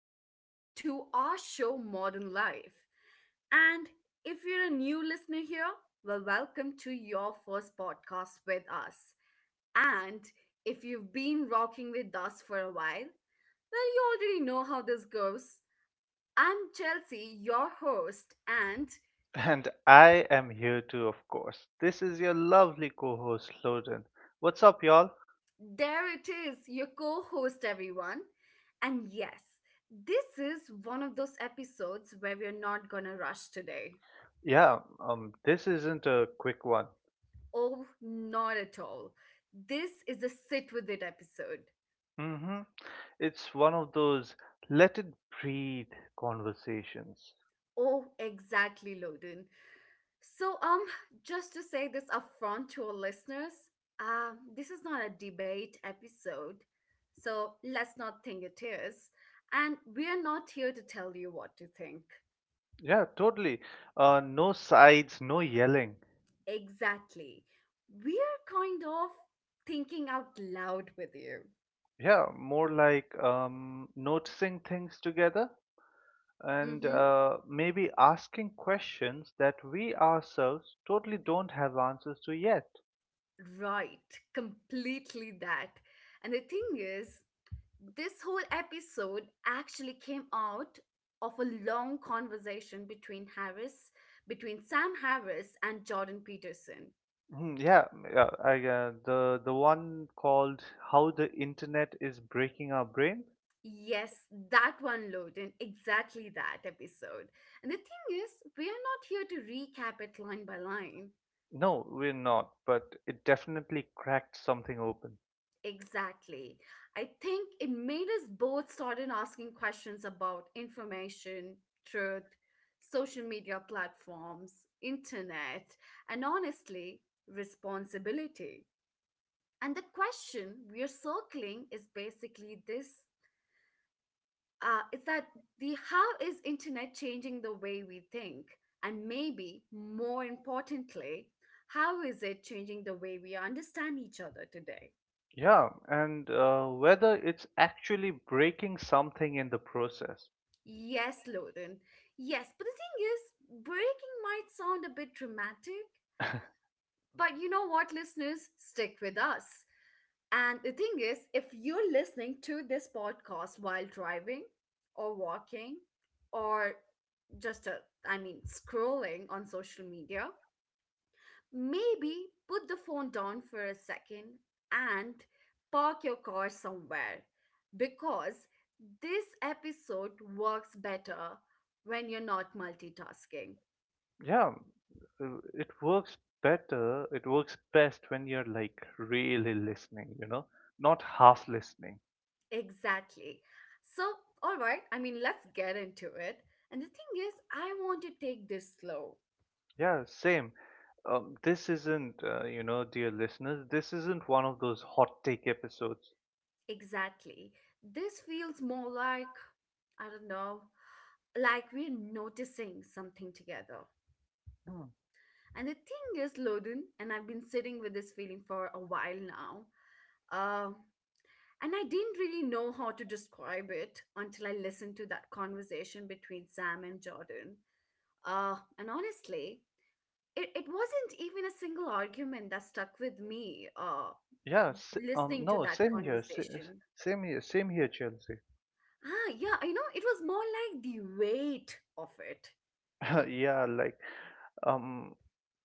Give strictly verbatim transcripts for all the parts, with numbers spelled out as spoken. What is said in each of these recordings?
Welcome to our show, Modern Life. And if you're a new listener here, well, welcome to your first podcast with us. And if you've been rocking with us for a while, well, you already know how this goes. I'm Chelsea, your host, and And I am here too, of course. This is your lovely co host, Loden. What's up, y'all? there it is, your co host, everyone. And yes, this is one of those episodes where we're not gonna rush today. Yeah, um, this isn't a quick one. Oh, not at all. This is a sit with it episode. Hmm. It's one of those let it breathe conversations. Oh, exactly, Loden. So, um, just to say this upfront to our listeners, uh, this is not a debate episode, so let's not think it is. And we are not here to tell you what to think. Yeah, totally. Uh, no sides, no yelling. Exactly. We're kind of thinking out loud with you. Yeah, more like um, noticing things together and Mm-hmm. uh, maybe asking questions that we ourselves totally don't have answers to yet. Right, completely that. And the thing is, this whole episode actually came out of a long conversation between Harris, between Sam Harris and Jordan Peterson. Mhm. Yeah, yeah, I uh, the the one called How the Internet is Breaking Our Brain? Yes, that one, Loden, exactly that episode. And the thing is, we are not here to recap it line by line. No, we're not, but it definitely cracked something open. Exactly. I think it made us both started asking questions about information, truth, social media platforms, internet, and honestly, responsibility. And the question we are circling is basically this, uh, is that the how is internet changing the way we think? And maybe more importantly, how is it changing the way we understand each other today? Yeah, and uh, whether it's actually breaking something in the process. Yes, Loden. Yes, but the thing is, breaking might sound a bit dramatic, but you know what, listeners? Stick with us. And the thing is, if you're listening to this podcast while driving or walking or just, uh, I mean, scrolling on social media, maybe put the phone down for a second and park your car somewhere because this episode works better when you're not multitasking. Yeah, uh, it works better, it works best when you're like really listening, you know, not half listening. Exactly. So, all right, I mean, let's get into it. And the thing is, I want to take this slow. Yeah, same. Um, this isn't, uh, you know, dear listeners, this isn't one of those hot take episodes. Exactly. This feels more like, I don't know, like we're noticing something together. Mm. And the thing is, Loden, and I've been sitting with this feeling for a while now, uh, and I didn't really know how to describe it until I listened to that conversation between Sam and Jordan. Uh, and honestly, it, it wasn't even a single argument that stuck with me uh, Yeah, s- um, listening to No, that same here, s- s- conversation. same here, same here, Chelsea. Ah, yeah, you know, it was more like the weight of it. Yeah, like, um,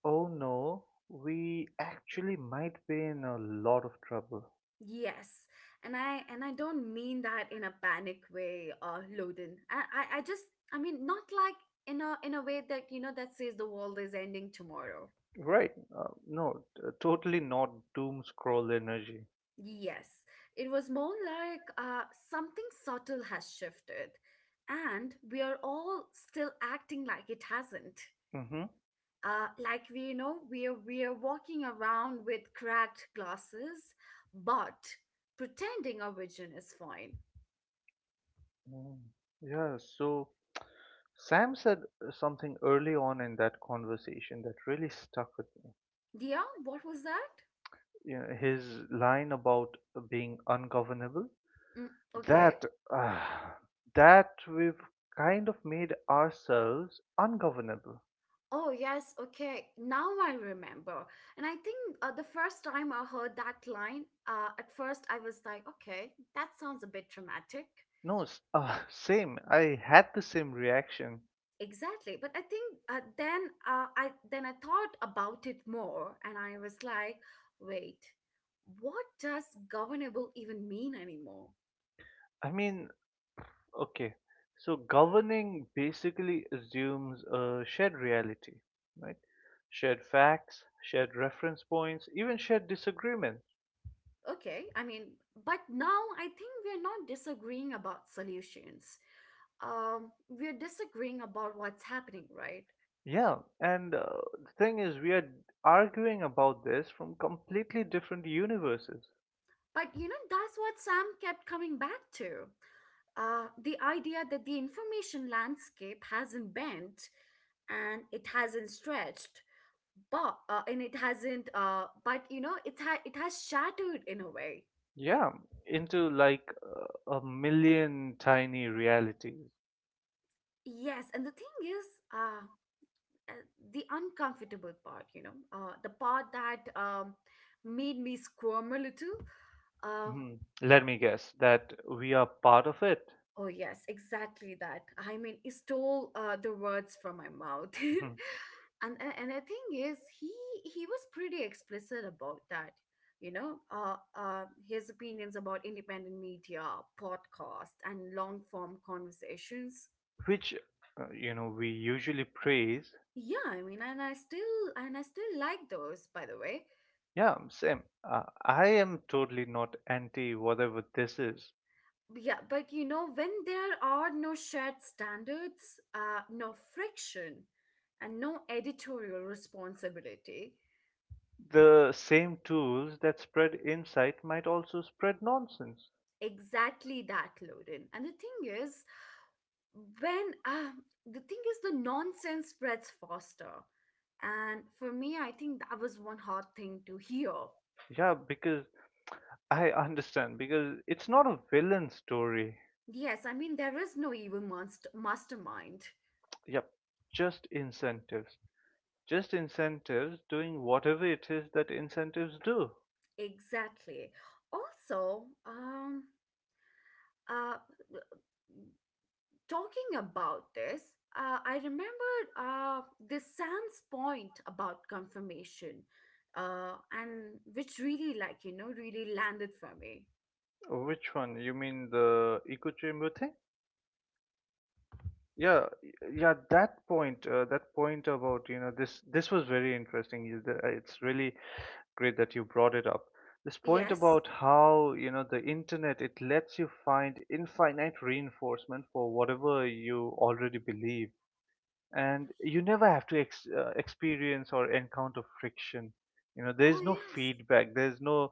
oh no, we actually might be in a lot of trouble. Yes, and I and I don't mean that in a panic way, uh, Loden. I, I I just I mean not like in a in a way that you know that says the world is ending tomorrow. Right? Uh, no, t- uh, totally not doom scroll energy. Yes, it was more like uh something subtle has shifted, and we are all still acting like it hasn't. Mm-hmm. Uh, like we you know we are we are walking around with cracked glasses, but pretending our vision is fine. Mm. Yeah, so Sam said uh, something early on in that conversation that really stuck with me. Yeah, what was that? You know, his line about being ungovernable. Mm, okay. that uh, that we've kind of made ourselves ungovernable. Oh, yes. Okay. Now I remember. And I think uh, the first time I heard that line, uh, at first I was like, okay, that sounds a bit dramatic. No, s- uh, Same. I had the same reaction. Exactly. But I think uh, then uh, I then I thought about it more and I was like, wait, what does governable even mean anymore? I mean, okay. So governing basically assumes a shared reality, right? Shared facts, shared reference points, even shared disagreements. Okay. I mean, but now I think we're not disagreeing about solutions. Um, we're disagreeing about what's happening, right? Yeah, and uh, the thing is, we are arguing about this from completely different universes. But you know, that's what Sam kept coming back to. Uh, the idea that the information landscape hasn't bent and it hasn't stretched, but uh, and it hasn't. Uh, but you know, it ha- it has shattered in a way. Yeah, into like uh, a million tiny realities. Yes, and the thing is, uh, uh, the uncomfortable part. You know, uh, the part that um, made me squirm a little. uh, Hmm. Let me guess that we are part of it. Oh, yes, exactly that. I mean, he stole uh, the words from my mouth. Hmm. and a- and the thing is, he he was pretty explicit about that. You know, uh, uh, his opinions about independent media, podcast, and long form conversations. Which, uh, you know, we usually praise. Yeah, I mean, and I still and I still like those, by the way. Yeah, same. Uh, I am totally not anti whatever this is. Yeah, but you know, when there are no shared standards, uh, no friction, and no editorial responsibility. The same tools that spread insight might also spread nonsense. Exactly that, Loden. And the thing is, when uh, the thing is, the nonsense spreads faster. And for me, I think that was one hard thing to hear. Yeah, because I understand, because it's not a villain story. Yes, I mean, there is no evil monst- mastermind. Yep, just incentives. Just incentives doing whatever it is that incentives do. Exactly. Also, um, uh, talking about this, uh, I remembered uh, this Sam's point about confirmation, uh, and which really, like, you know, really landed for me. Which one? You mean the echo chamber thing? Yeah, yeah, that point, uh, that point about, you know, this this was very interesting. You- the- uh, It's really great that you brought it up. This point Yes. about how, you know, the internet, it lets you find infinite reinforcement for whatever you already believe. And you never have to ex- uh, experience or encounter friction, you know, Oh, there's no yes. feedback, there's no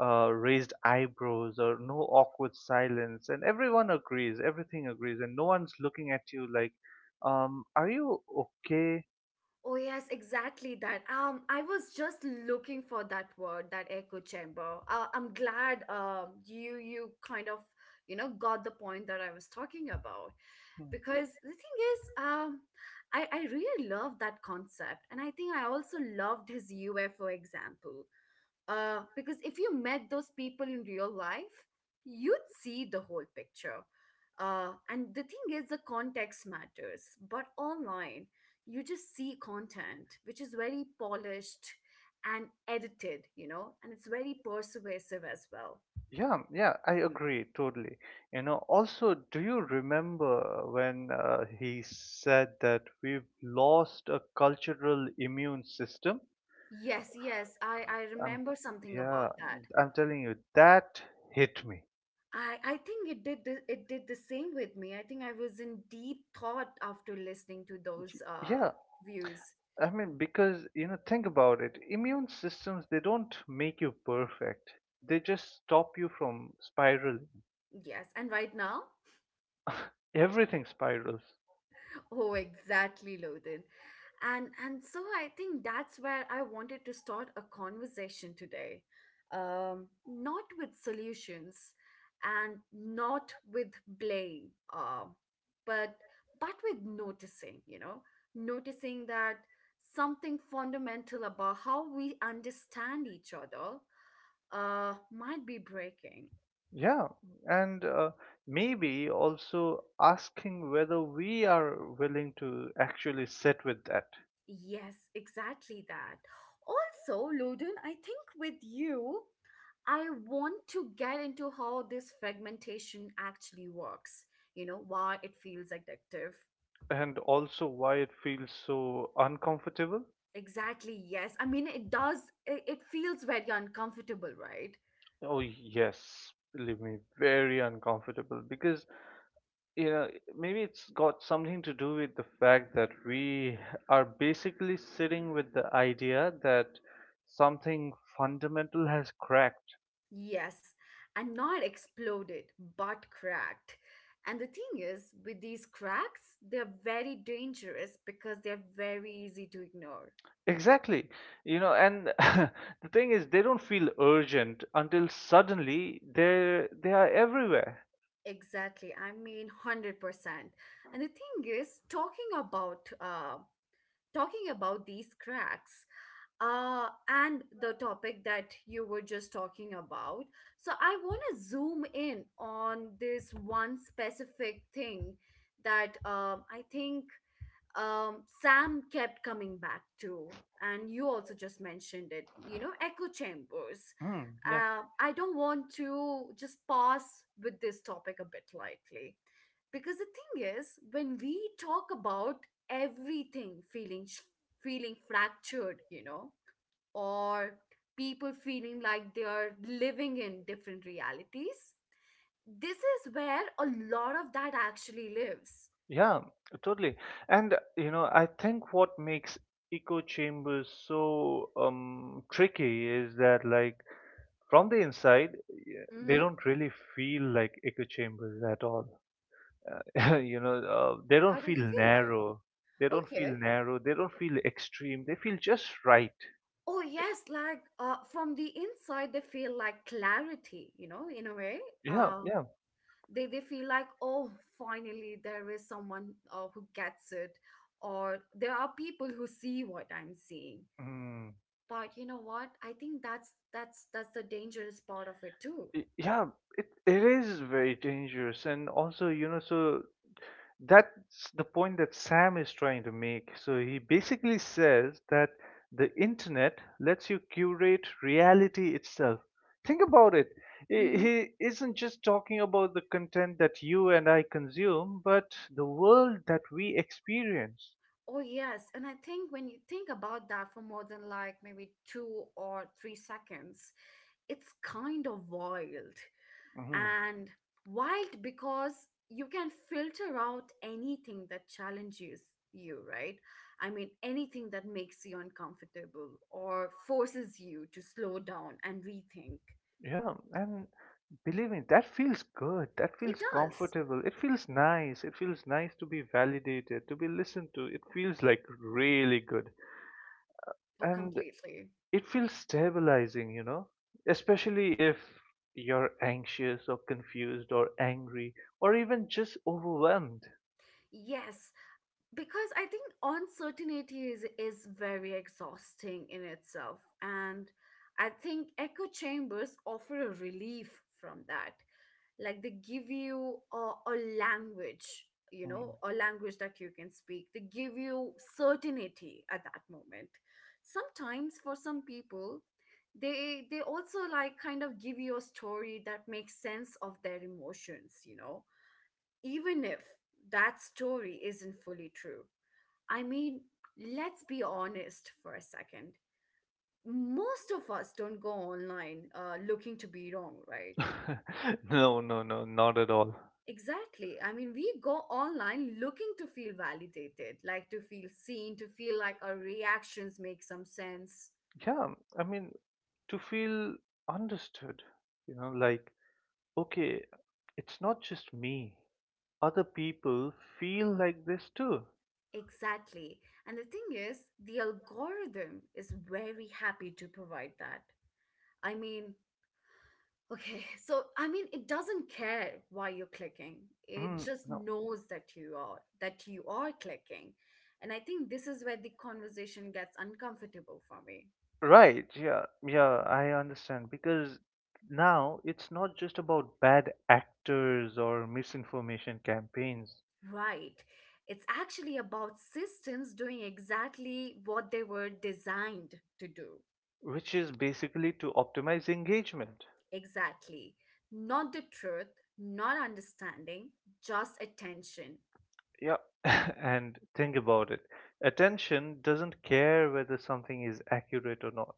uh, raised eyebrows or no awkward silence, and everyone agrees, everything agrees, and no one's looking at you like, um are you okay? Oh yes, exactly that. Um, I was just looking for that word, that echo chamber. Uh, I'm glad um you you kind of you know got the point that I was talking about, Hmm. because the thing is, um I I really love that concept and I think I also loved his U F O example. Uh, because if you met those people in real life, you'd see the whole picture. Uh, and the thing is, the context matters, but online you just see content which is very polished and edited, you know, and it's very persuasive as well. Yeah, yeah, I agree totally. You know, also, do you remember when uh, he said that we've lost a cultural immune system? Yes, yes, I I I'm, remember something yeah, about that. I'm telling you, that hit me. I I think it did the, it did the same with me. I think I was in deep thought after listening to those uh Yeah, views. I mean, because, you know, think about it. Immune systems, they don't make you perfect. They just stop you from spiraling. Yes, and right now. Everything spirals. Oh, exactly, Loden. And and so I think that's where I wanted to start a conversation today. Um, not with solutions and not with blame, uh, but but with noticing, you know, noticing that something fundamental about how we understand each other uh might be breaking. Yeah, and uh, maybe also asking whether we are willing to actually sit with that. Yes, exactly that. Also, Loden, I think with you. I want to get into how this fragmentation actually works, you know, why it feels addictive. And also why it feels so uncomfortable. Exactly, yes. I mean, it does, it, it feels very uncomfortable, right? Oh, yes, believe me, very uncomfortable because, you know, maybe it's got something to do with the fact that we are basically sitting with the idea that something fundamental has cracked. Yes, and not exploded, but cracked. And the thing is, with these cracks, they're very dangerous because they're very easy to ignore. Exactly, you know, and the thing is, they don't feel urgent until suddenly they they are everywhere. Exactly. I mean, one hundred percent. And the thing is, talking about uh, talking about these cracks uh, and the topic that you were just talking about. So I want to zoom in on this one specific thing that um, I think um, Sam kept coming back to, and you also just mentioned it, you know, echo chambers. Mm, yeah. Uh, I don't want to just pass with this topic a bit lightly because the thing is, when we talk about everything feeling sh- feeling fractured, you know, or people feeling like they are living in different realities, this is where a lot of that actually lives. Yeah, totally. And you know, I think what makes echo chambers so um tricky is that, like, from the inside, y- they Hmm. don't really feel like echo chambers at all. Uh, you know, uh, they don't How does it feel feel like? narrow. They don't feel Okay. narrow. They don't feel extreme. They feel just right. Oh yes, like uh, from the inside they feel like clarity, you know, in a way. Yeah, Uh, yeah. they they feel like oh, finally there is someone uh, who gets it, or there are people who see what I'm seeing. Mm. But you know what? I think that's that's that's the dangerous part of it too. Y- Yeah, it it is very dangerous, and also, you know, so that's the point that Sam is trying to make. So he basically says that the internet lets you curate reality itself. Think about it. I- Mm-hmm. He isn't just talking about the content that you and I consume, but the world that we experience. Oh yes, and I think when you think about that for more than like maybe two or three seconds, it's kind of wild. Hmm. And wild because you can filter out anything that challenges you, right? I mean, anything that makes you uncomfortable or forces you to slow down and rethink. Yeah, and believe me, that feels good. That It feels does, comfortable. It feels nice. It feels nice to be validated, to be listened to. It feels like really good. or And completely. it feels stabilizing, you know, especially if you're anxious or confused or angry or even just overwhelmed. Yes, because I think uncertainty is, is very exhausting in itself. And I think echo chambers offer a relief from that. Like they give you a, a language, you Hmm. know, a language that you can speak. They give you certainty at that moment. Sometimes for some people, they they also like kind of give you a story that makes sense of their emotions, you know, even if that story isn't fully true. I mean, let's be honest for a second. Most of us don't go online uh, looking to be wrong, right? No, no, no, not at all. Exactly. I mean, we go online looking to feel validated, like to feel seen, to feel like our reactions make some sense. Yeah, I mean, to feel understood, you know, like, okay, it's not just me, other people feel like this too. Exactly. And the thing is, the algorithm is very happy to provide that. I mean, okay, so I mean, it doesn't care why you're clicking. It Mm, just no. knows that you are that you are clicking. And I think this is where the conversation gets uncomfortable for me. Right, yeah, yeah, I understand because now it's not just about bad actors or misinformation campaigns, Right. It's actually about systems doing exactly what they were designed to do. which is basically to optimize engagement. Exactly. Not the truth, not understanding, just attention. Yeah, and think about it. Attention doesn't care whether something is accurate or not.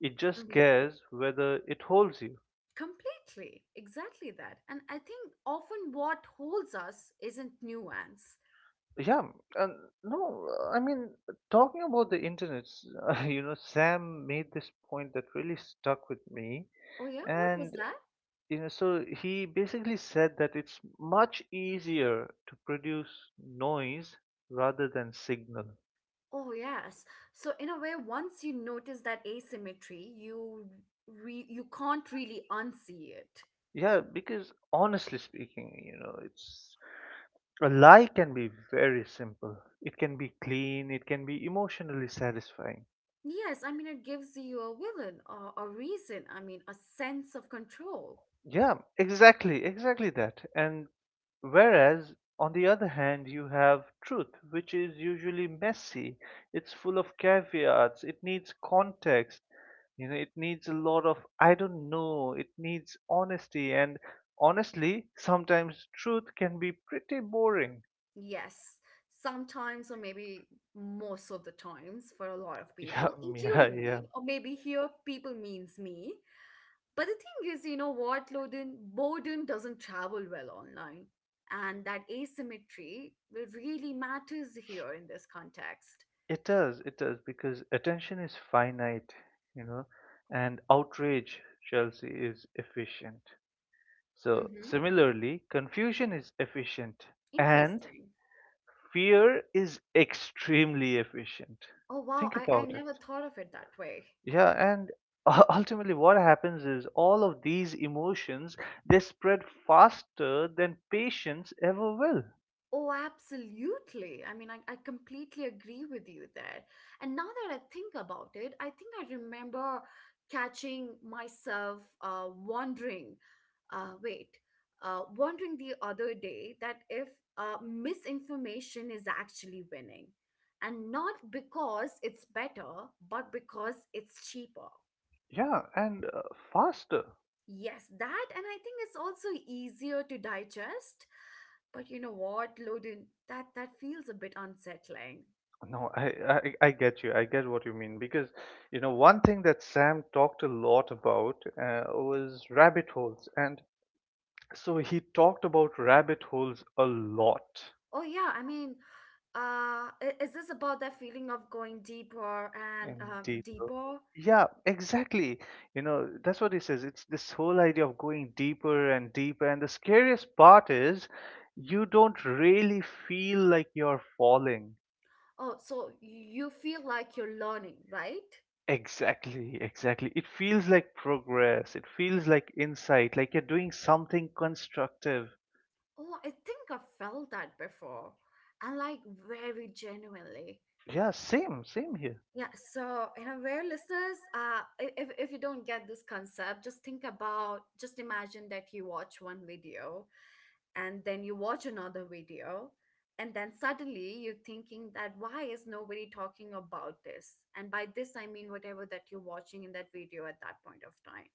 It just Mhm. cares whether it holds you. Completely. Exactly that. And I think often what holds us isn't nuance. Yeah, and no, I mean, talking about the internet, you know, Sam made this point that really stuck with me. Oh, yeah, what was And that? you know, so he basically said that it's much easier to produce noise rather than signal. Oh, yes. So in a way, once you notice that asymmetry, you re- you can't really unsee it. Yeah, because honestly speaking, you know, it's a lie can be very simple. It can be clean, it can be emotionally satisfying. Yes, I mean it gives you a villain or a reason, I mean a sense of control. Yeah, exactly, exactly that. And whereas, on the other hand, you have truth, which is usually messy, it's full of caveats, it needs context, you know, it needs a lot of, I don't know, it needs honesty, and honestly, sometimes truth can be pretty boring. Yes, sometimes or maybe most of the times for a lot of Yeah, people, yeah, including yeah. me, or maybe here people means me. But the thing is, you know what, Loden, boredom doesn't travel well online. And that asymmetry really matters here in this context. It does, it does, because attention is finite, you know, and outrage, Chelsea, is efficient. So, Hmm. similarly, confusion is efficient and Interesting. fear is extremely efficient. Oh, wow. Think I, I about never it. thought of it that way. Yeah, and u- ultimately what happens is all of these emotions, they spread faster than patience ever will. Oh, absolutely. I mean, I, I completely agree with you there. And now that I think about it, I think I remember catching myself uh, wondering, uh, wait, uh, wondering the other day that if uh, misinformation is actually winning, and not because it's better, but because it's cheaper. Yeah, and uh, faster. Yes, that, and I think it's also easier to digest. But you know what, Loden, that that feels a bit unsettling. No, I, I I get you. I get what you mean because, you know, one thing that Sam talked a lot about uh, was rabbit holes and so he talked about rabbit holes a lot Oh yeah, I mean, uh, i- is this about that feeling of going deeper and and um, deeper. deeper? Yeah, exactly. You know, that's what he says. It's this whole idea of going deeper and deeper. And the scariest part is you don't really feel like you're falling. Oh, so you feel like you're learning, right? Exactly, exactly. It feels like progress. It feels like insight, like you're doing something constructive. Oh, I think I've felt that before, and like very genuinely. Yeah, same, same here. Yeah, so in a way, listeners, uh, i- if if you don't get this concept, just think about, just imagine that you watch one video and then you watch another video, and then suddenly you're thinking that why is nobody talking about this? And by this, I mean whatever that you're watching in that video at that point of time.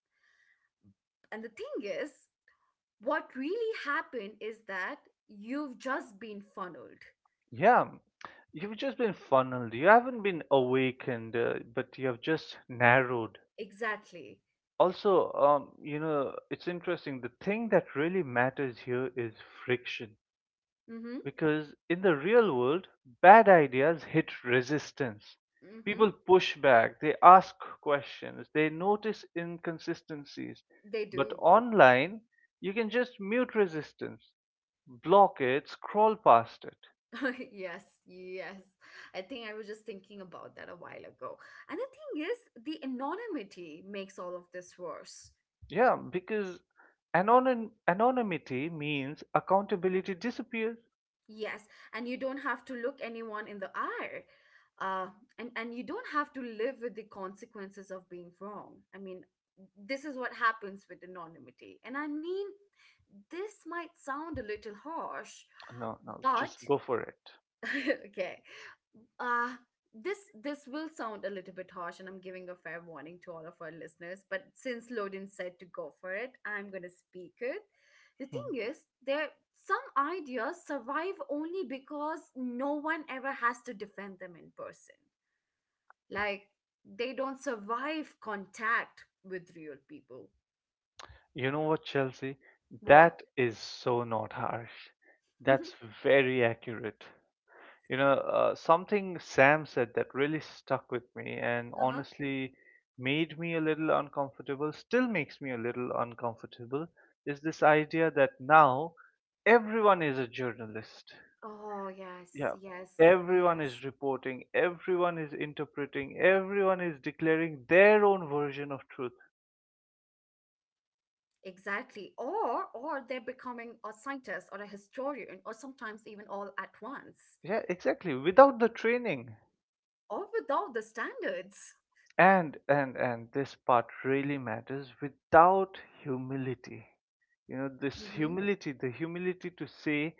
And the thing is, what really happened is that you've just been funneled. Yeah, you've just been funneled. You haven't been awakened, uh, but you have just narrowed. Exactly. Also, um, you know, it's interesting. The thing that really matters here is friction. Mm-hmm. Because in the real world, bad ideas hit resistance. Mm-hmm. People push back, they ask questions, they notice inconsistencies. They But do. online, you can just mute resistance, block it, scroll past it. Yes, yes. I think I was just thinking about that a while ago. And the thing is, the anonymity makes all of this worse. Yeah, because anon- anonymity means accountability disappears. Yes, and you don't have to look anyone in the eye. Uh, and, and you don't have to live with the consequences of being wrong. I mean, this is what happens with anonymity. And I mean, this might sound a little harsh, No, no, but just go for it. okay, uh this this will sound a little bit harsh, and I'm giving a fair warning to all of our listeners, but since Lodin said to go for it, I'm going to speak it. The Hmm. thing is, there some ideas survive only because no one ever has to defend them in person. Like, they don't survive contact with real people. You know what, Chelsea? What? That is so not harsh. That's very accurate. You know, uh, something Sam said that really stuck with me and Uh-huh. honestly made me a little uncomfortable, still makes me a little uncomfortable, is this idea that now everyone is a journalist. Oh, yes, Yeah, yes, everyone yes. is reporting, everyone is interpreting, everyone is declaring their own version of truth. Exactly. Or or they're becoming a scientist or a historian or sometimes even all at once. Yeah, exactly. Without the training. Or without the standards. and and and this part really matters, without humility, you know, this Hmm. humility, the humility to say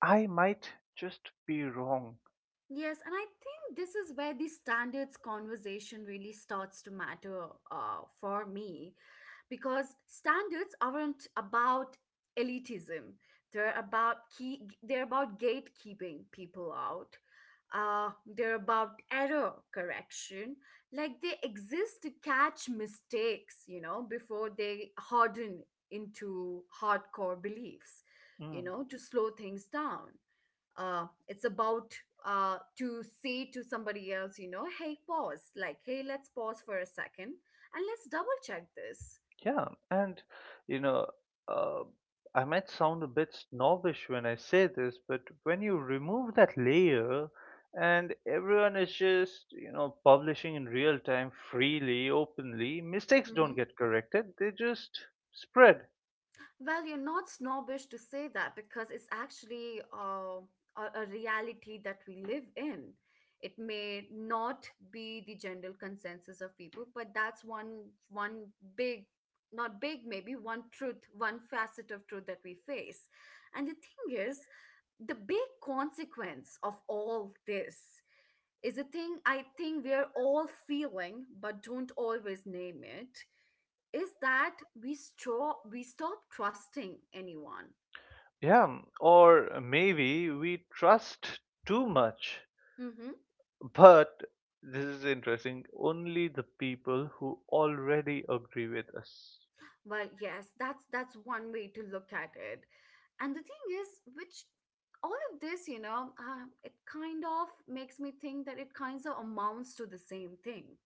I might just be wrong. Yes, and I think this is where the standards conversation really starts to matter uh, for me because standards aren't about elitism. They're about key, they're about gatekeeping people out. Uh, they're about error correction. Like, they exist to catch mistakes, you know, before they harden into hardcore beliefs, you Mm. know, to slow things down. Uh, it's about uh, to say to somebody else, you know, hey, pause. Like, hey, let's pause for a second and let's double check this. Yeah, and you know, uh, I might sound a bit snobbish when I say this, but when you remove that layer and everyone is just, you know, publishing in real time freely, openly, mistakes don't get corrected, they just spread. Well, you're not snobbish to say that because it's actually uh, a, a reality that we live in. It may not be the general consensus of people, but that's one one big, not big, maybe one truth, one facet of truth that we face. And the thing is, the big consequence of all this is a thing I think we're all feeling, but don't always name it, is that we stop we stop trusting anyone. Yeah, or maybe we trust too much. Mm-hmm. But this is interesting, only the people who already agree with us. Well, yes, that's that's one way to look at it. And the thing is, which all of this, you know, uh, it kind of makes me think that it kind of amounts to the same thing.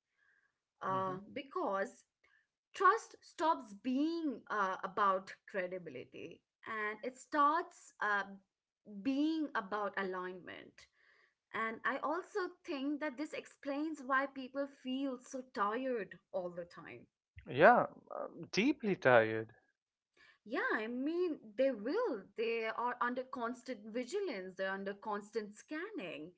Uh, hmm. Because trust stops being uh, about credibility and it starts uh, being about alignment. And I also think that this explains why people feel so tired all the time. Yeah, deeply tired. Yeah, I mean, they will. They are under constant vigilance, they're under constant scanning,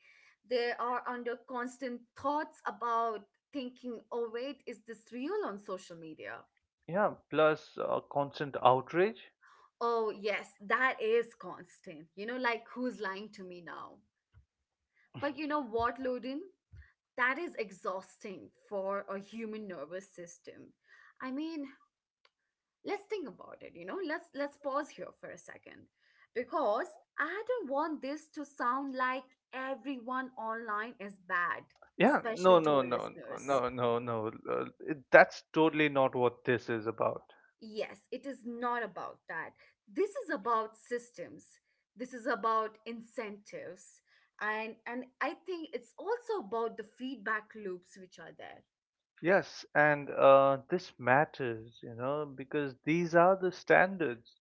they are under constant thoughts about thinking, oh, wait, is this real on social media? Yeah, plus uh, constant outrage. Oh, yes, that is constant. You know, like who's lying to me now? But you know what, Loden? That is exhausting for a human nervous system. I mean, let's think about it. You know, let's let's pause here for a second because I don't want this to sound like everyone online is bad, Yeah, especially no, to no, our no, listeners. no, no, no. Uh, it- that's totally not what this is about. Yes, it is not about that. This is about systems. This is about incentives. And and I think it's also about the feedback loops which are there. Yes, and uh, this matters, you know, because these are the standards.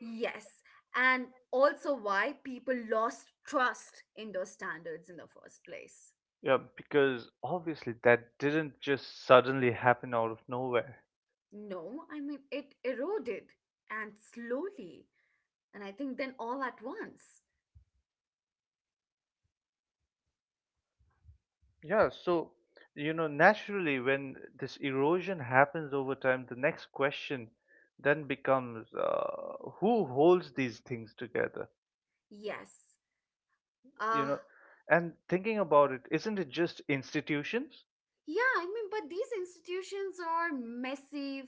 Yes, and also why people lost trust in those standards in the first place. Yeah, because obviously that didn't just suddenly happen out of nowhere. No, I mean, it eroded and slowly, and I think then all at once. Yeah, so, you know, naturally, when this erosion happens over time, the next question then becomes uh, who holds these things together? Yes. You Uh, know, and thinking about it, isn't it just institutions? yeah, I mean, but these institutions are messy,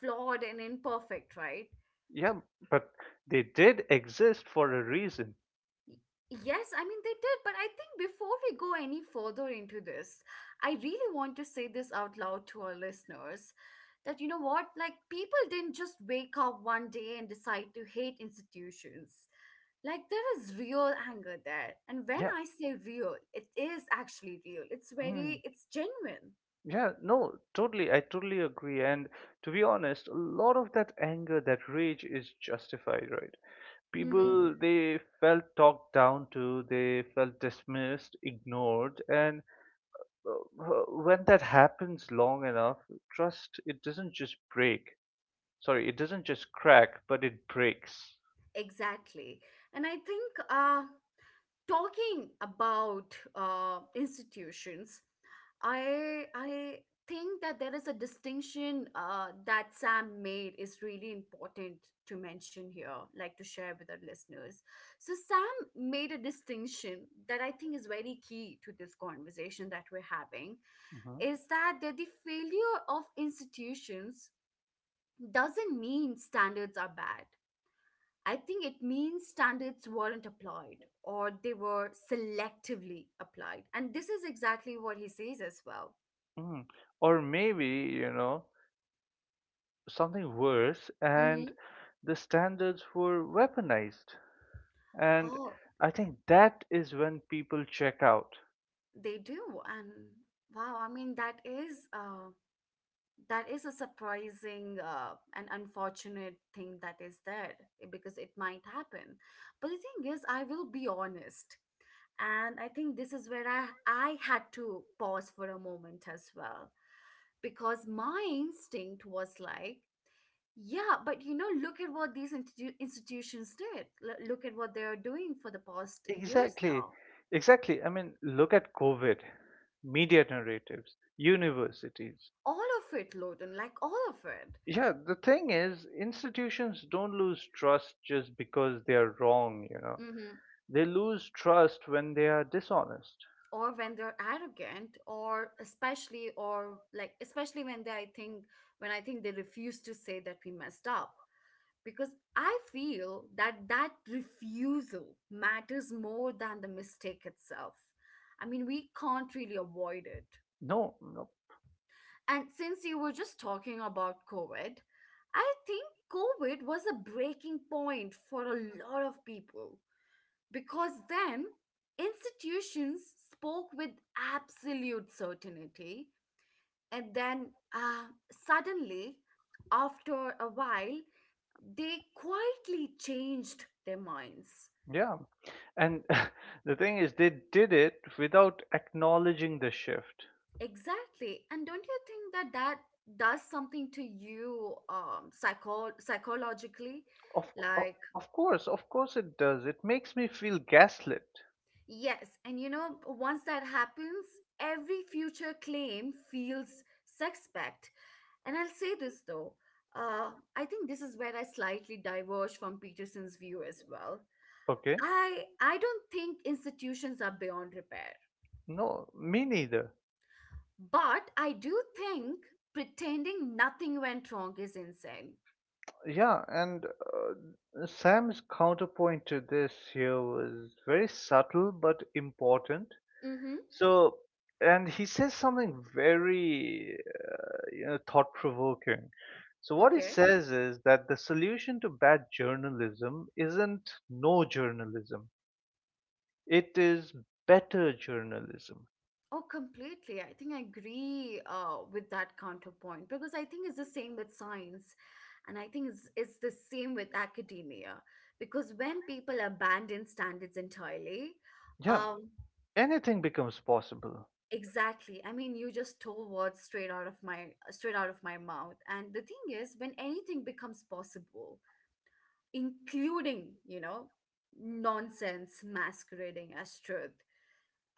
flawed, and imperfect, right? Yeah, but they did exist for a reason. Y- Yes, I mean, they did. But I think before we go any further into this, I really want to say this out loud to our listeners that you know what? Like, people didn't just wake up one day and decide to hate institutions. Like, there is real anger there. And when Yeah. I say real, it is actually real, it's Mm. very, it's genuine. Yeah, no, totally. I totally agree. And to be honest, a lot of that anger, that rage is justified, right? Mm-hmm. People, they felt talked down to, they felt dismissed, ignored. And uh, uh, when that happens long enough, trust, it doesn't just break. Sorry, it doesn't just crack, but it breaks. Exactly. And I think uh, talking about uh, institutions, I I think that there is a distinction uh, that Sam made is really important to mention here, like to share with our listeners. So Sam made a distinction that I think is very key to this conversation that we're having, Hmm. is that that the failure of institutions doesn't mean standards are bad. I think it means standards weren't applied or they were selectively applied. And this is exactly what he says as well. Hmm. Or maybe, you know, something worse, and Hmm. the standards were weaponized. And Oh, I think that is when people check out. they do. And wow, I mean that is uh that is a surprising uh, and unfortunate thing that is there, eh, because it might happen. But the thing is, I will be honest. And I think this is where I, I had to pause for a moment as well because my instinct was like, yeah, but you know, look at what these institu- institutions did. L- look at what they are doing for the past years Exactly, now. exactly. I mean, look at COVID, media narratives, universities. All of it, Loden, like all of it. Yeah, the thing is, institutions don't lose trust just because they are wrong, you know. Mm-hmm. They lose trust when they are dishonest. Or when they're arrogant, or especially, or like, especially when they, I think, when I think they refuse to say that we messed up. Because I feel that that refusal matters more than the mistake itself. I mean, we can't really avoid it. No, no. And since you were just talking about COVID, I think COVID was a breaking point for a lot of people because then institutions spoke with absolute certainty. And then uh, suddenly, after a while, they quietly changed their minds. Yeah. And the thing is, they did it without acknowledging the shift. Exactly. And don't you think that that does something to you um, psycho- psychologically? Of, of Like, of course, of course it does. It makes me feel gaslit. yes, and you know, once that happens, every future claim feels suspect. And I'll say this though, uh, I think this is where I slightly diverge from Peterson's view as well. Okay? I I don't think institutions are beyond repair, No, me neither. but I do think pretending nothing went wrong is insane. Yeah, and uh, Sam's counterpoint to this here was very subtle but important. Mm-hmm. So, and he says something very uh, you know, thought provoking. So, what he Okay. says is that the solution to bad journalism isn't no journalism, it is better journalism. Oh, completely. I think I agree uh, with that counterpoint because I think it's the same with science, and I think it's it's the same with academia because when people abandon standards entirely, Yeah, um, anything becomes possible. exactly. I mean, you just stole words straight out of my straight out of my mouth. And the thing is, when anything becomes possible, including you know nonsense masquerading as truth,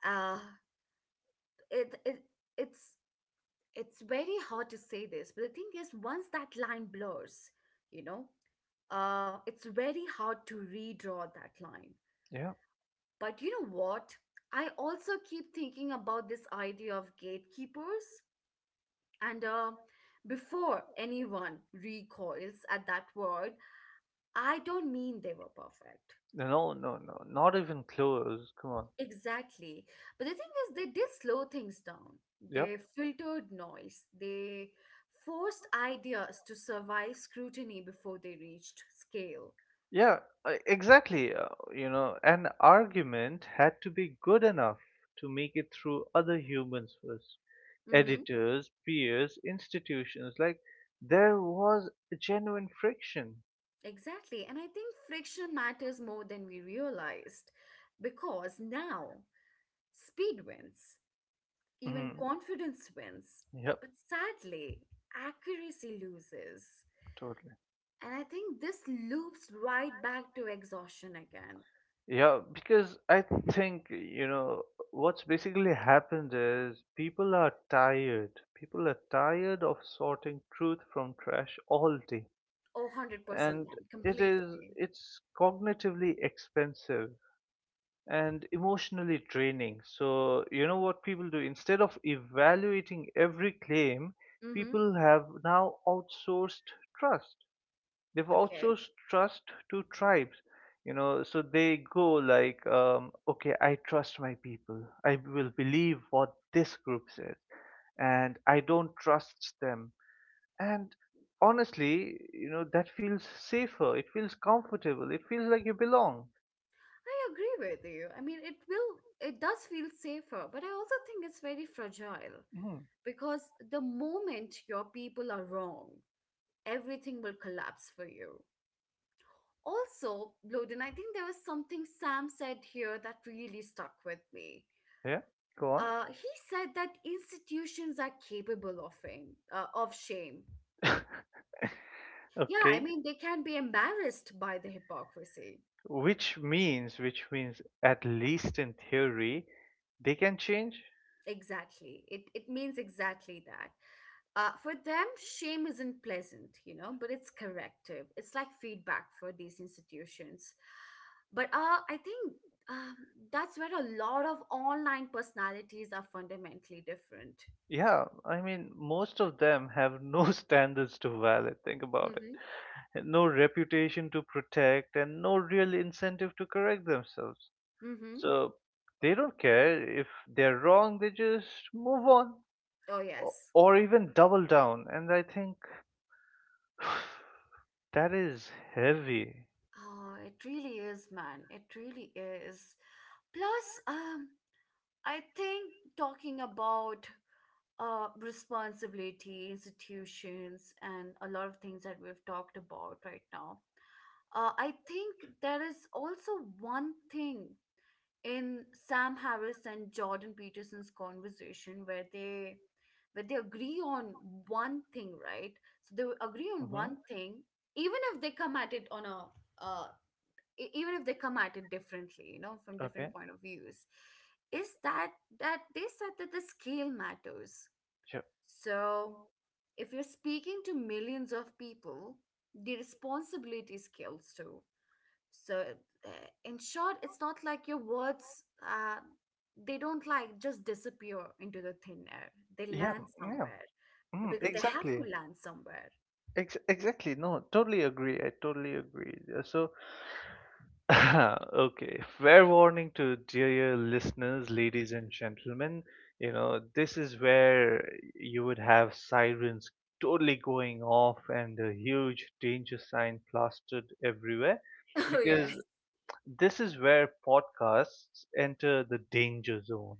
uh, it it it's it's very hard to say this, but the thing is, once that line blurs, you know, uh, it's very hard to redraw that line. Yeah. But you know what? I also keep thinking about this idea of gatekeepers. And uh, before anyone recoils at that word, I don't mean they were perfect. No, no, no. Not even close. Come on. Exactly. But the thing is, they did slow things down. Yep. They filtered noise. They forced ideas to survive scrutiny before they reached scale. Yeah, e- exactly. Uh, you know, an argument had to be good enough to make it through other humans first. Mm-hmm. Editors, peers, institutions. Like, there was a genuine friction. Exactly. And I think friction matters more than we realized because now speed wins, even Hmm. confidence wins. Yep, But sadly, accuracy loses. totally. And I think this loops right back to exhaustion again. Yeah, because I think, you know, what's basically happened is people are tired. People are tired of sorting truth from trash all day. Oh, one hundred percent And man, it is, completely. it's cognitively expensive and emotionally draining. So, you know what people do? Instead of evaluating every claim, Mm-hmm. people have now outsourced trust, they've also Okay. s- trust to tribes, you know. So they go like, um, okay, I trust my people, I will believe what this group says, and I don't trust them. And honestly, you know, that feels safer, it feels comfortable, it feels like you belong. I agree with you. I mean, it will, it does feel safer, but I also think it's very fragile Mhm. because the moment your people are wrong, everything will collapse for you. Also, Loden, I think there was something Sam said here that really stuck with me. Yeah, go on. Uh, he said that institutions are capable of fame, uh, of shame. Yeah, I Okay. mean, they can be embarrassed by the hypocrisy. Which means which means, at least in theory, they can change. Exactly. It it means exactly that. Uh, for them, shame isn't pleasant, you know, but it's corrective. It's like feedback for these institutions. But uh, I think um, that's where a lot of online personalities are fundamentally different. Yeah, I mean, most of them have no standards to violate. Think about it. Hmm. And No reputation to protect, and no real incentive to correct themselves. Mm-hmm. So they don't care if they're wrong, they just move on, Oh, o- yes. or even double down. And I think that is heavy. Oh, it really is, man. It really is. Plus, um, I think talking about uh, responsibility, institutions, and a lot of things that we've talked about right now. Uh, I think there is also one thing in Sam Harris and Jordan Peterson's conversation where they where they agree on one thing, right? So they agree on Hmm. one thing, even if they come at it on a uh, e- even if they come at it differently, you know, from Okay. different point of views, is that that they said that the scale matters. Sure. So, if you're speaking to millions of people, the responsibility scales too. So, uh, in short, it's not like your words, uh, they don't like just disappear into the thin air. They Yeah. land Yeah. somewhere Mm, because they have exactly. to land somewhere. Ex- exactly. No, totally agree. I totally agree. Uh, So. Okay, fair warning to dear listeners, ladies and gentlemen. You know, this is where you would have sirens totally going off and a huge danger sign plastered everywhere, Oh, because yes. this is where podcasts enter the danger zone.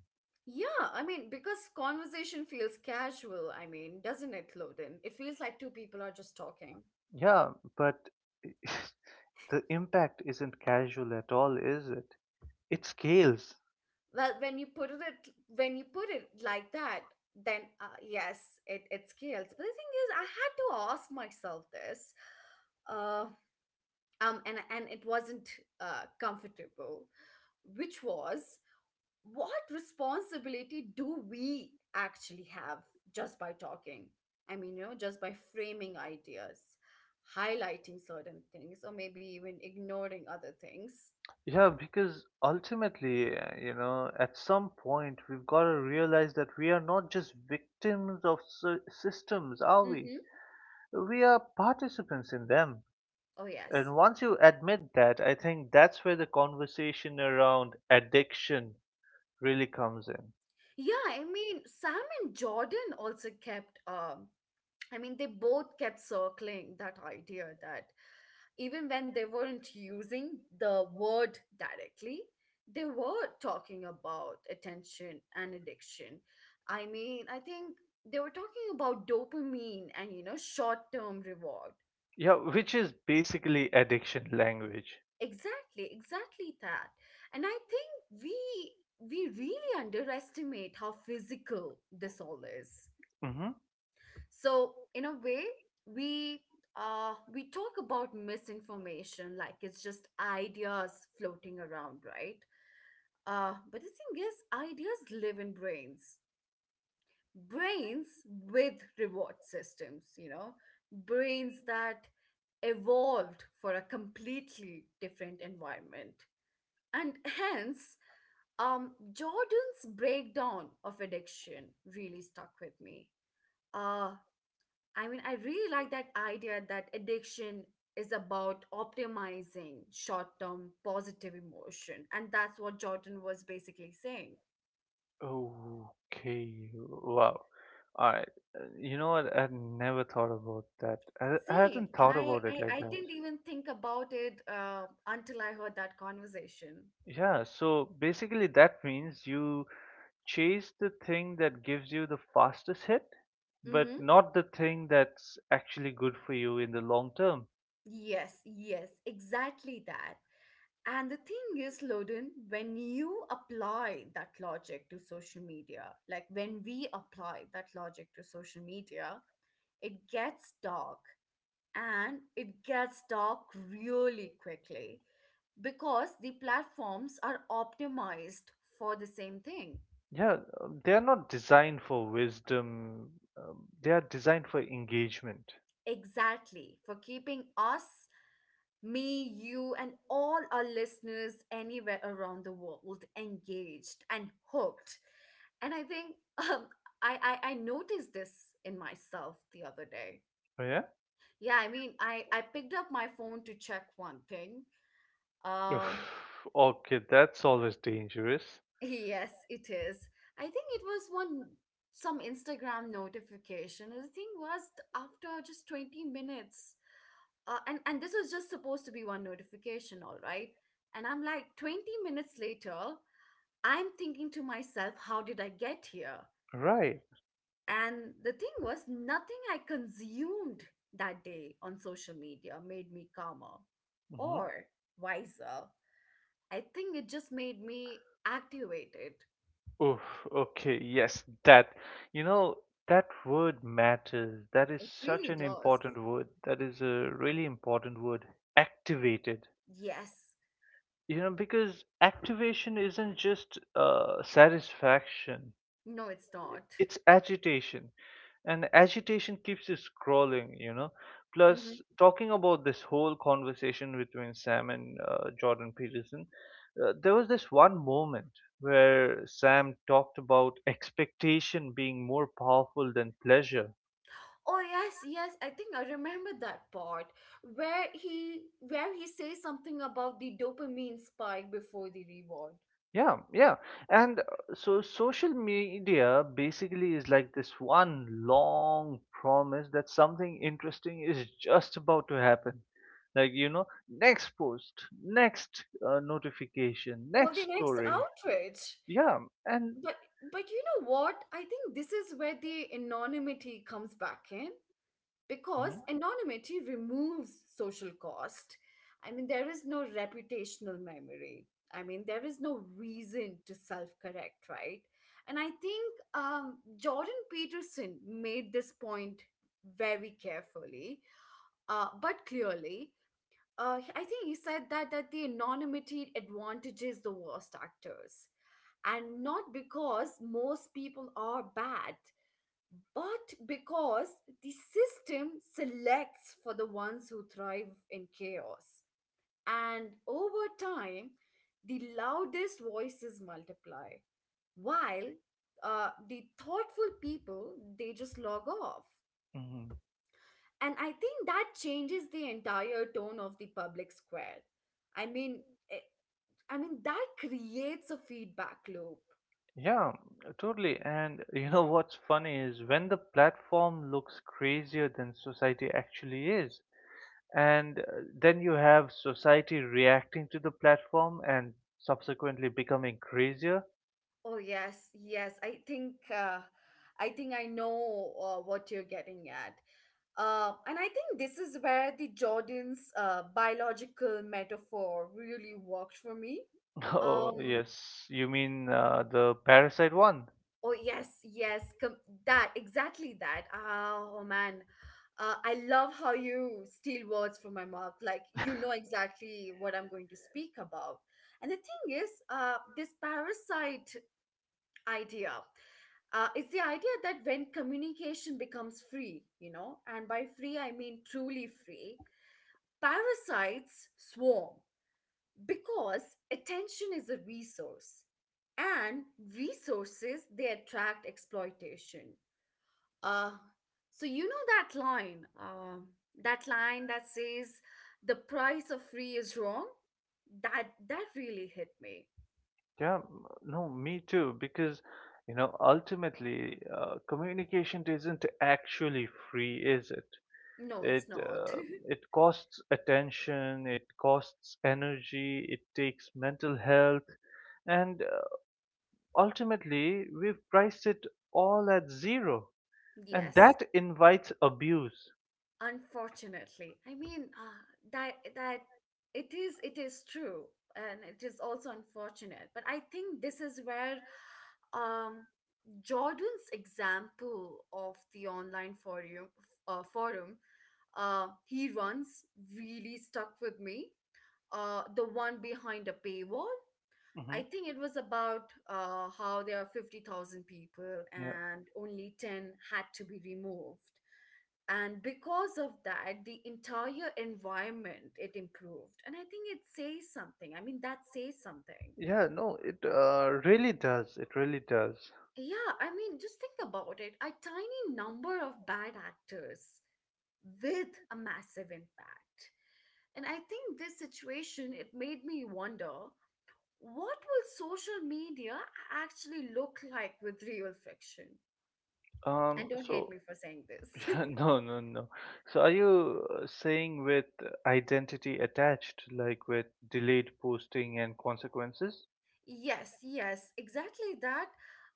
Yeah, I mean, because conversation feels casual, I mean, doesn't it, Loden? It feels like two people are just talking. Yeah, but the impact isn't casual at all, is it? It scales. Well, when you put it at- when you put it like that, then uh, yes, it it scales. But the thing is, I had to ask myself this, uh, um, and and it wasn't uh, comfortable, which was what responsibility do we actually have just by talking? I mean, you know, just by framing ideas, highlighting certain things, or maybe even ignoring other things. Yeah, because ultimately, uh, you know, at some point we've got to realize that we are not just victims of sy- systems, are we? Mm-hmm. We are participants in them. Oh yes. And once you admit that, I think that's where the conversation around addiction really comes in. Yeah, I mean, Sam and Jordan also kept, um, I mean, they both kept circling that idea that even when they weren't using the word directly, they were talking about attention and addiction. I mean, I think they were talking about dopamine and, you know, short term reward. Yeah, which is basically addiction language. Exactly, exactly that. And I think we we really underestimate how physical this all is. Mm-hmm. So in a way, we uh we talk about misinformation like it's just ideas floating around, right? Uh but the thing is, ideas live in brains, brains with reward systems, you know, brains that evolved for a completely different environment, and hence, um Jordan's breakdown of addiction really stuck with me. Uh, I mean, I really like that idea that addiction is about optimizing short term positive emotion. And that's what Jordan was basically saying. Okay, wow. All right. You know what? I never thought about that. I, I Same. hadn't thought I, about it I, like I that. didn't even think about it uh, until I heard that conversation. Yeah, so basically that means you chase the thing that gives you the fastest hit, but Mm-hmm. not the thing that's actually good for you in the long term. Yes, yes, exactly that. And the thing is, Loden, when you apply that logic to social media, like when we apply that logic to social media, it gets dark and it gets dark really quickly because the platforms are optimized for the same thing. Yeah, um, they are not designed for wisdom. Um, they are designed for engagement. Exactly, for keeping us, me, you, and all our listeners anywhere around the world engaged and hooked. And I think um, I, I, I noticed this in myself the other day. Oh, yeah? Yeah, I mean, I, I picked up my phone to check one thing. Um, Oof, okay, that's always dangerous. Yes, it is. I think it was one some Instagram notification. The thing was t- After just twenty minutes. Uh, and and this was just supposed to be one notification, all right? And I'm like twenty minutes later, I'm thinking to myself, how did I get here? Right. And the thing was, nothing I consumed that day on social media made me calmer Mm-hmm. or wiser. I think it just made me activated. Oof, okay, yes, that, you know, that word matters. That is It such really an does. important word. That is a really important word. Activated. Yes. You know, because activation isn't just uh, satisfaction, No, it's not. it's agitation, and agitation keeps you scrolling, you know. Plus, Hmm. talking about this whole conversation between Sam and uh, Jordan Peterson, uh, there was this one moment where Sam talked about expectation being more powerful than pleasure. Oh yes, yes. I think I remember that part where he where he says something about the dopamine spike before the reward Yeah, yeah. And uh, so, social media basically is like this one long promise that something interesting is just about to happen. Like, you know, next post, next uh, notification, or next the next story. outrage. Yeah, and. But but you know what? I think this is where the anonymity comes back in. Because Mhm, anonymity removes social cost. I mean, there is no reputational memory. I mean, there is no reason to self correct, right? And I think um, Jordan Peterson made this point very carefully, uh, but clearly. Uh, I think he said that, that the anonymity advantages the worst actors, and not because most people are bad, but because the system selects for the ones who thrive in chaos. And over time, the loudest voices multiply, while uh, the thoughtful people, they just log off. mhm. And I think that changes the entire tone of the public square. I mean, eh, I mean that creates a feedback loop. Yeah, totally. And you know what's funny is when the platform looks crazier than society actually is. And uh, then you have society reacting to the platform and subsequently becoming crazier. Oh yes, yes. I think uh, I think I know uh, what you're getting at. Uh, and I think this is where the Jordan's uh, biological metaphor really worked for me. Oh, Um, yes, you mean uh, the Parasite one? oh yes, yes, com- that exactly that. Oh man, uh, I love how you steal words from my mouth. Like you know exactly what I'm going to speak about. And the thing is, uh, this parasite idea. Uh, is the idea that when communication becomes free, you know, and by free I mean truly free, parasites swarm because attention is a resource, and resources, they attract exploitation. Uh, so you know that line, um, that line that says the price of free is wrong. That that really hit me. Yeah, m- no, me too, because, you know, ultimately, uh, communication isn't actually free, is it? No, it's It not. uh, it costs attention, it costs energy, it takes mental health, and uh, ultimately, we've priced it all at zero. And Yes. that invites abuse. Unfortunately, I mean uh, that that it is it is true, and it is also unfortunate. But I think this is where um, Jordan's example of the online forum uh, forum uh, he runs really stuck with me. Uh, the one behind a paywall. Hmm. I think it was about uh, how there are fifty thousand people Yeah, and only ten had to be removed, and because of that the entire environment, it improved. And I think it says something, I mean, that says something. yeah. No, it uh, really does, it really does. Yeah, I mean just think about it, a tiny number of bad actors with a massive impact. And I think this situation, it made me wonder, what will social media actually look like with real fiction? And um don't hate so me for saying this. No, no, no. So, are you uh, saying with identity attached, like with delayed posting and consequences? Yes, yes, exactly that.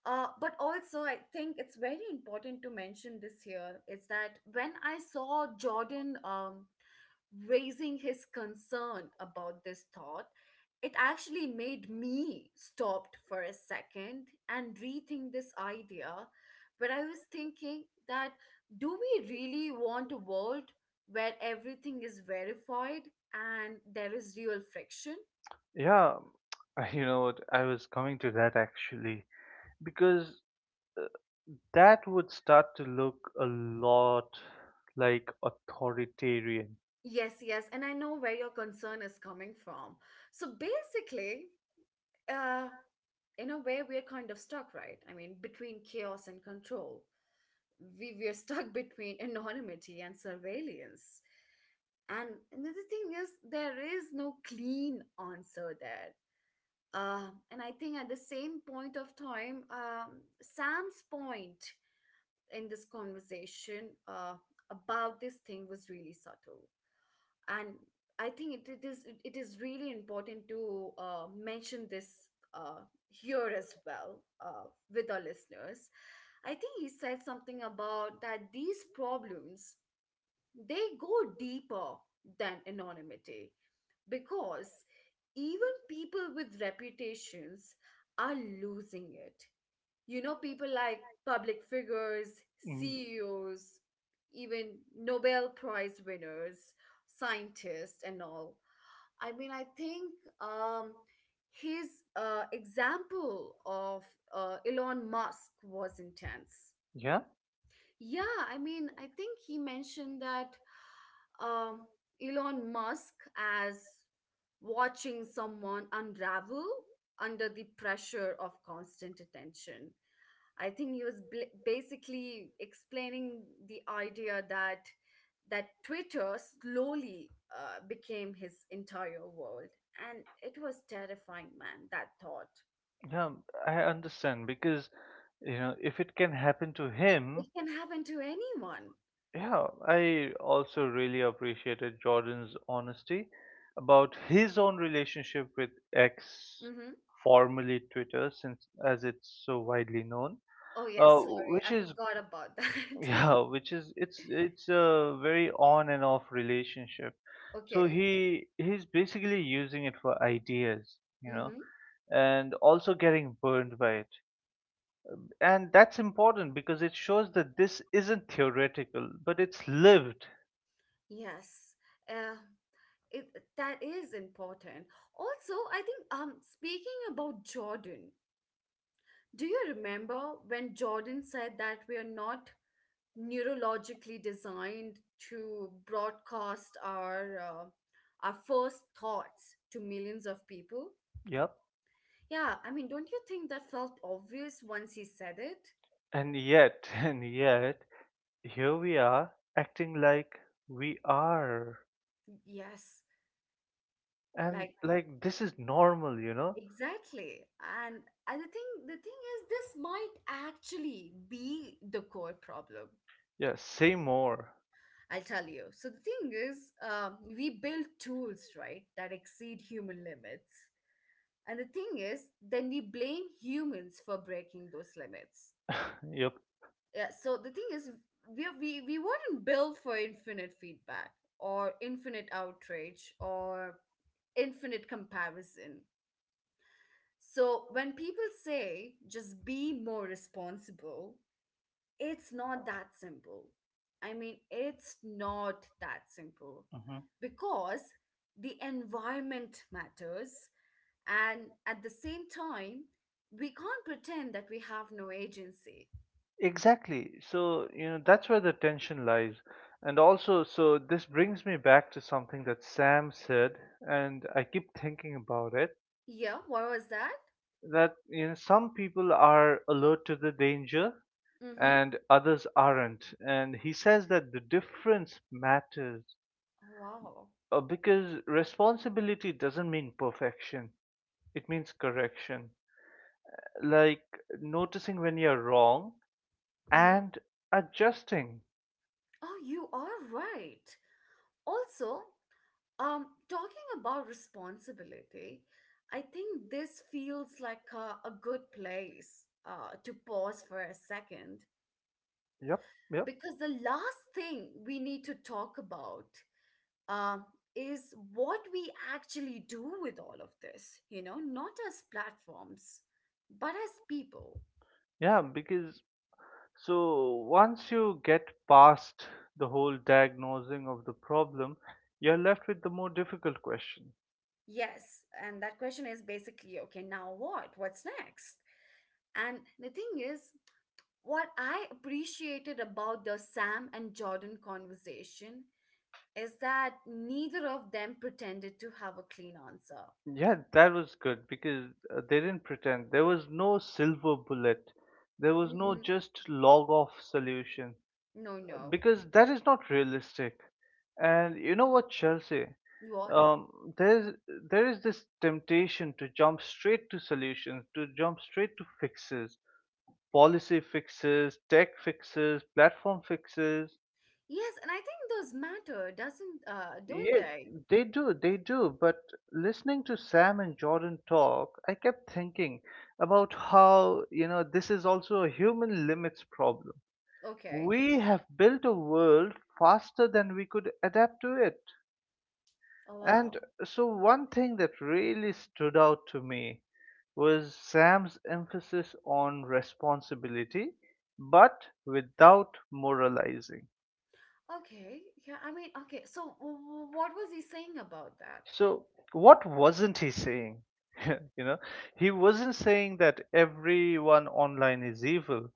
Uh, but also, I think it's very important to mention this here is that when I saw Jordan um, raising his concern about this thought, it actually made me stopped for a second and rethink this idea. But I was thinking that, do we really want a world where everything is verified and there is real friction? Yeah. You know what, I was coming to that actually, because that would start to look a lot like authoritarian. Yes, yes, and I know where your concern is coming from. So basically, uh, in a way, we're kind of stuck, right? I mean, between chaos and control. We we're stuck between anonymity and surveillance. And another thing is, there is no clean answer there. Uh, and I think at the same point of time, um, Sam's point in this conversation uh, about this thing was really subtle. And I think it, it is it is really important to uh, mention this uh, here as well, uh, with our listeners. I think he said something about that these problems, they go deeper than anonymity, because even people with reputations are losing it, you know, people like public figures, Mm. C E Os, even Nobel Prize winners, scientists, and all. I mean, I think um, his uh, example of uh, Elon Musk was intense. Yeah, Yeah, I mean, I think he mentioned that um, Elon Musk as watching someone unravel under the pressure of constant attention. I think he was bl- basically explaining the idea that that Twitter slowly uh, became his entire world, and it was terrifying, man. That thought, yeah, I understand, because, you know, if it can happen to him. it can happen to anyone. Yeah, I also really appreciated Jordan's honesty about his own relationship with X, Mm-hmm. formerly Twitter, since, as it's so widely known, Oh uh, yes, sorry, which I is. forgot about that. Yeah, which is, it's it's a very on and off relationship. So Okay. he he's basically using it for ideas, you know, Mm-hmm. and also getting burned by it. And that's important because it shows that this isn't theoretical, but it's lived. Yes. Uh, it, that is important. Also, I think um speaking about Jordan, do you remember when Jordan said that we are not neurologically designed to broadcast our uh, our first thoughts to millions of people? Yep. Yeah, I mean, don't you think that felt obvious once he said it? And yet, and yet, here we are acting like we are. Yes, And like like this is normal, you know? exactly. And and the thing the thing is, this might actually be the core problem. Yeah, say more. I'll tell you. So the thing is, um, we build tools, right, that exceed human limits. And the thing is, then we blame humans for breaking those limits. Yeah, so the thing is, we, we, we weren't built for infinite feedback or infinite outrage or infinite comparison. So when people say just be more responsible, it's not that simple. I mean, it's not that simple Yep. because the environment matters. And at the same time, we can't pretend that we have no agency. Exactly. So, you know, that's where the tension lies. And also, so this brings me back to something that Sam said, and I keep thinking about it, Yeah, what was that? that, you know, some people are alert to the danger Mm-hmm. and others aren't. And he says that the difference matters, Wow. uh, because responsibility doesn't mean perfection, it means correction. Like, noticing when you're wrong Mm-hmm. and adjusting. Oh, you are right. Also, um, talking about responsibility, I think this feels like a, a good place uh, to pause for a second, Yep, yep. because the last thing we need to talk about, um, is what we actually do with all of this, you know, not as platforms, but as people. Yeah, because so, once you get past the whole diagnosing of the problem, you're left with the more difficult question. Yes, and that question is basically, okay, now what? What's next? And the thing is, what I appreciated about the Sam and Jordan conversation is that neither of them pretended to have a clean answer. Yeah, that was good, because uh, they didn't pretend. There was no silver bullet. There was no Mm-mm. just log off solution, No, no. because that is not realistic. And you know what, Chelsea? What? Um, there's there is this temptation to jump straight to solutions, to jump straight to fixes, policy fixes, tech fixes, platform fixes. Yes, and I think those matter, doesn't uh, don't Yeah, they? they do, they do. But listening to Sam and Jordan talk, I kept thinking about how, you know, this is also a human limits problem. Okay. We have built a world faster than we could adapt to it. Oh wow. And so, one thing that really stood out to me was Sam's emphasis on responsibility, but without moralizing. Okay. Yeah, I mean, okay. So, w- w- what was he saying about that? So, what wasn't he saying? You know, he wasn't saying that everyone online is evil,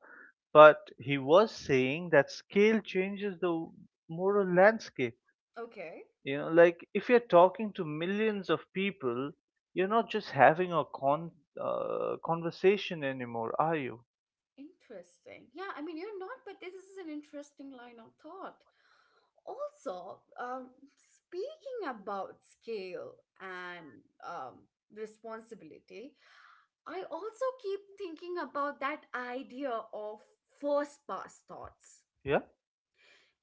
but he was saying that scale changes the moral landscape. Okay. You know, like, if you're talking to millions of people, you're not just having a con uh, conversation anymore, are you? Interesting. Yeah, I mean, you're not, but this is an interesting line of thought. Also, um, speaking about scale and um, responsibility, I also keep thinking about that idea of first pass thoughts. Yeah,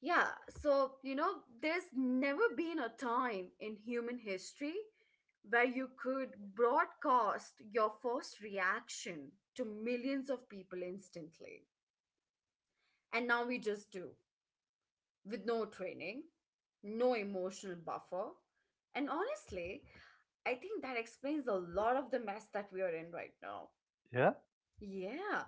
Yeah, so you know, there's never been a time in human history where you could broadcast your first reaction to millions of people instantly. And now we just do with no training, no emotional buffer. And honestly, I think that explains a lot of the mess that we are in right now. yeah. Yeah.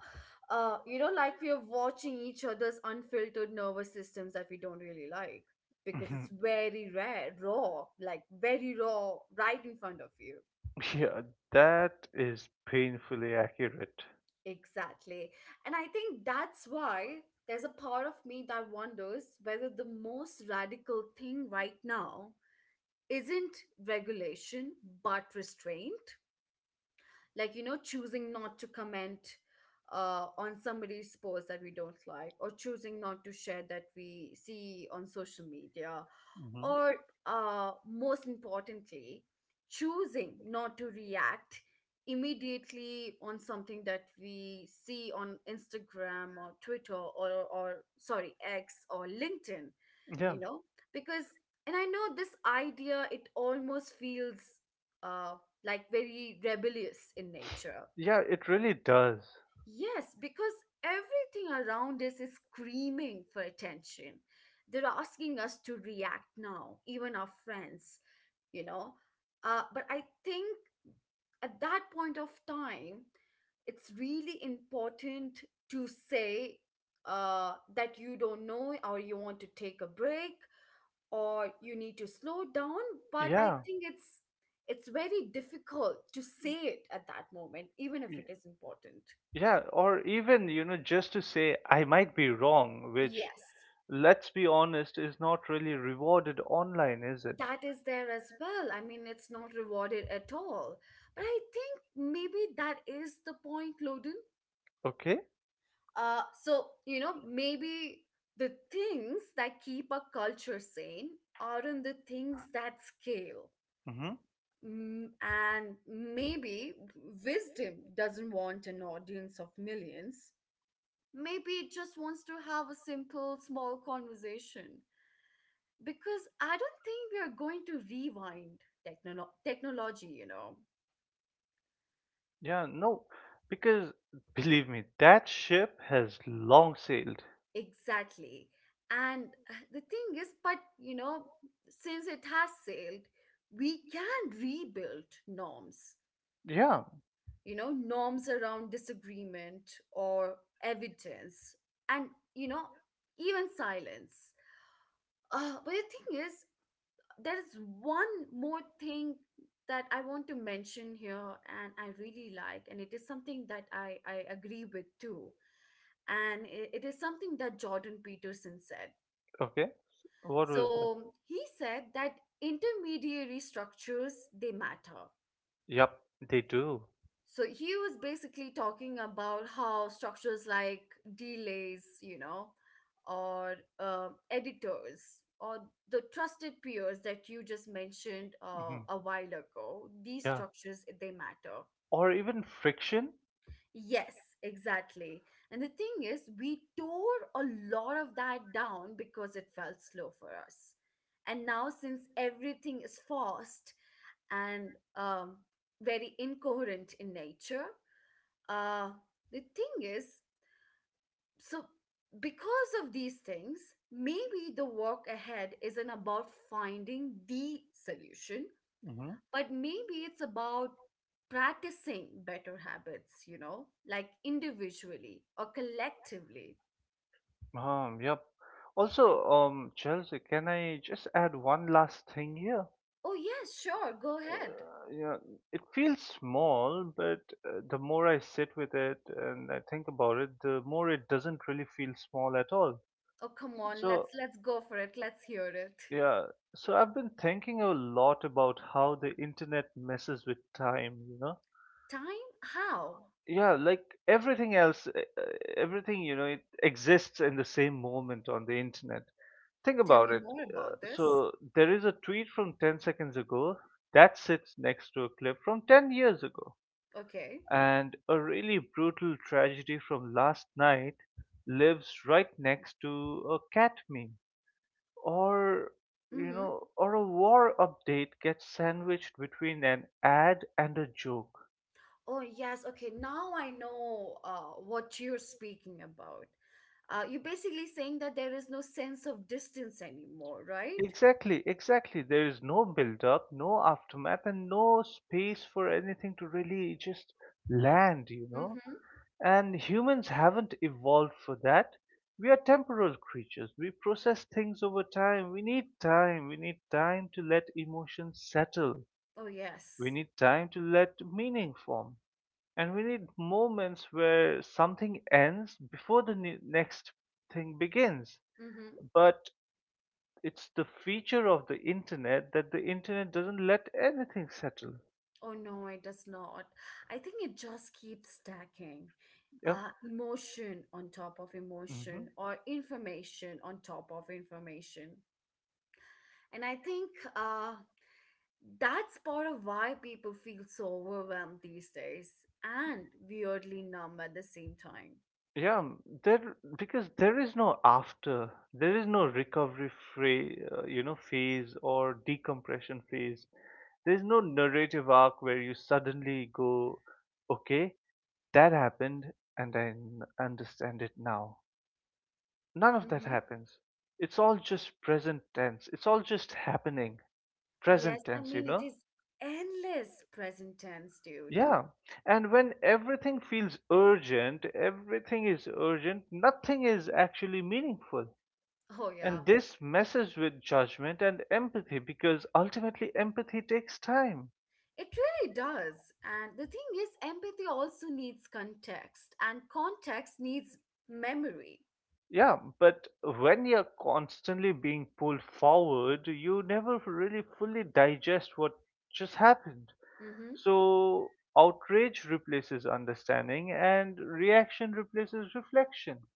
Uh, you know, like we are watching each other's unfiltered nervous systems that we don't really like because it's Mhm. very rare, raw, like very raw, right in front of you. Yeah. That is painfully accurate. Exactly. And I think that's why there's a part of me that wonders whether the most radical thing right now isn't regulation but restraint. Like, you know, choosing not to comment uh, on somebody's post that we don't like, or choosing not to share that we see on social media, Hmm. or uh, most importantly choosing not to react immediately on something that we see on Instagram or Twitter or, or sorry, X, or LinkedIn, Yeah, you know. Because and I know this idea, it almost feels uh, like very rebellious in nature. yeah. It really does. Yes, because everything around us is screaming for attention. They're asking us to react now, even our friends, you know. Uh, but I think at that point of time, it's really important to say uh, that you don't know, or you want to take a break, or you need to slow down. But I Yeah. think it's it's very difficult to say it at that moment, even if it is important. Yeah, or even, you know, just to say, I might be wrong, which, Yes, let's be honest, is not really rewarded online, is it? that is there as well. I mean, it's not rewarded at all. But I think maybe that is the point, Loden. Okay. Uh, so, you know, maybe the things that keep a culture sane aren't the things that scale. Mm-hmm. Mm, and maybe wisdom doesn't want an audience of millions. Maybe it just wants to have a simple, small conversation. Because I don't think we are going to rewind technolo- technology, you know, Yeah, no, because, believe me, that ship has long sailed. exactly. And uh, the thing is, but you know, since it has sailed, we can rebuild norms, Yeah. you know, norms around disagreement, or evidence, and, you know, even silence. Uh, but the thing is, there is one more thing that I want to mention here, and I really like, and it is something that I, I agree with too. And it, it is something that Jordan Peterson said. Okay. What was that? So he said that intermediary structures, they matter. Yep, they do. So he was basically talking about how structures like delays, you know, or uh, editors, or the trusted peers that you just mentioned uh, Mm-hmm. a while ago, these Yeah, structures, they matter. or even friction. Yes, exactly. And the thing is, we tore a lot of that down because it felt slow for us. And now, since everything is fast and um, very incoherent in nature, uh, the thing is, so because of these things, maybe the walk ahead isn't about finding the solution, Mm-hmm. but maybe it's about practicing better habits, you know, like individually or collectively. Um, yep. Also, um, Chelsea, can I just add one last thing here? Oh yes, sure, go ahead. Uh, yeah, it feels small, but uh, the more I sit with it and I think about it, the more it doesn't really feel small at all. Oh come on, So, let's let's go for it. Let's hear it. yeah, so I've been thinking a lot about how the internet messes with time, you know? Time? How? Yeah, like everything else, uh, uh, everything, you know, it exists in the same moment on the internet. Think Tell me about it. more Uh, about this. So, there is a tweet from ten seconds ago that sits next to a clip from ten years ago. Okay. And a really brutal tragedy from last night lives right next to a cat meme. Or, you Mm-hmm. know, or a war update gets sandwiched between an ad and a joke. Oh, yes. Okay. Now I know uh, what you're speaking about. Uh, you're basically saying that there is no sense of distance anymore, right? Exactly, exactly. There is no build up, no aftermath, and no space for anything to really just land, you know? Mm-hmm. And humans haven't evolved for that. We are temporal creatures. We process things over time. We need time. We need time to let emotions settle. Oh, We yes. need time to let meaning form. And we need moments where something ends before the ne- next thing begins. Mm-hmm. But it's the feature of the internet that the internet doesn't let anything settle. Oh, no, it does not. I think it just keeps stacking. Yep. Uh, emotion on top of Hmm. emotion, or information on top of information. And I think uh, that's part of why people feel so overwhelmed these days and weirdly numb at the same time. Yeah, um, there because there is no after, there is no recovery free, uh, you know, phase or decompression phase. There's no narrative arc where you suddenly go, okay, that happened, and I n- understand it now. None of that Mm-hmm. happens. It's all just present tense. It's all just happening. Yes, Present I tense, you mean, it know? is endless present tense, dude. Yeah. And when everything feels urgent, everything is urgent, nothing is actually meaningful. Oh, yeah. And this messes with judgment and empathy, because ultimately empathy takes time. It really does. And the thing is, empathy also needs context, and context needs memory. Yeah, but when you're constantly being pulled forward, you never really fully digest what just happened. Mm-hmm. So, outrage replaces understanding and reaction replaces reflection.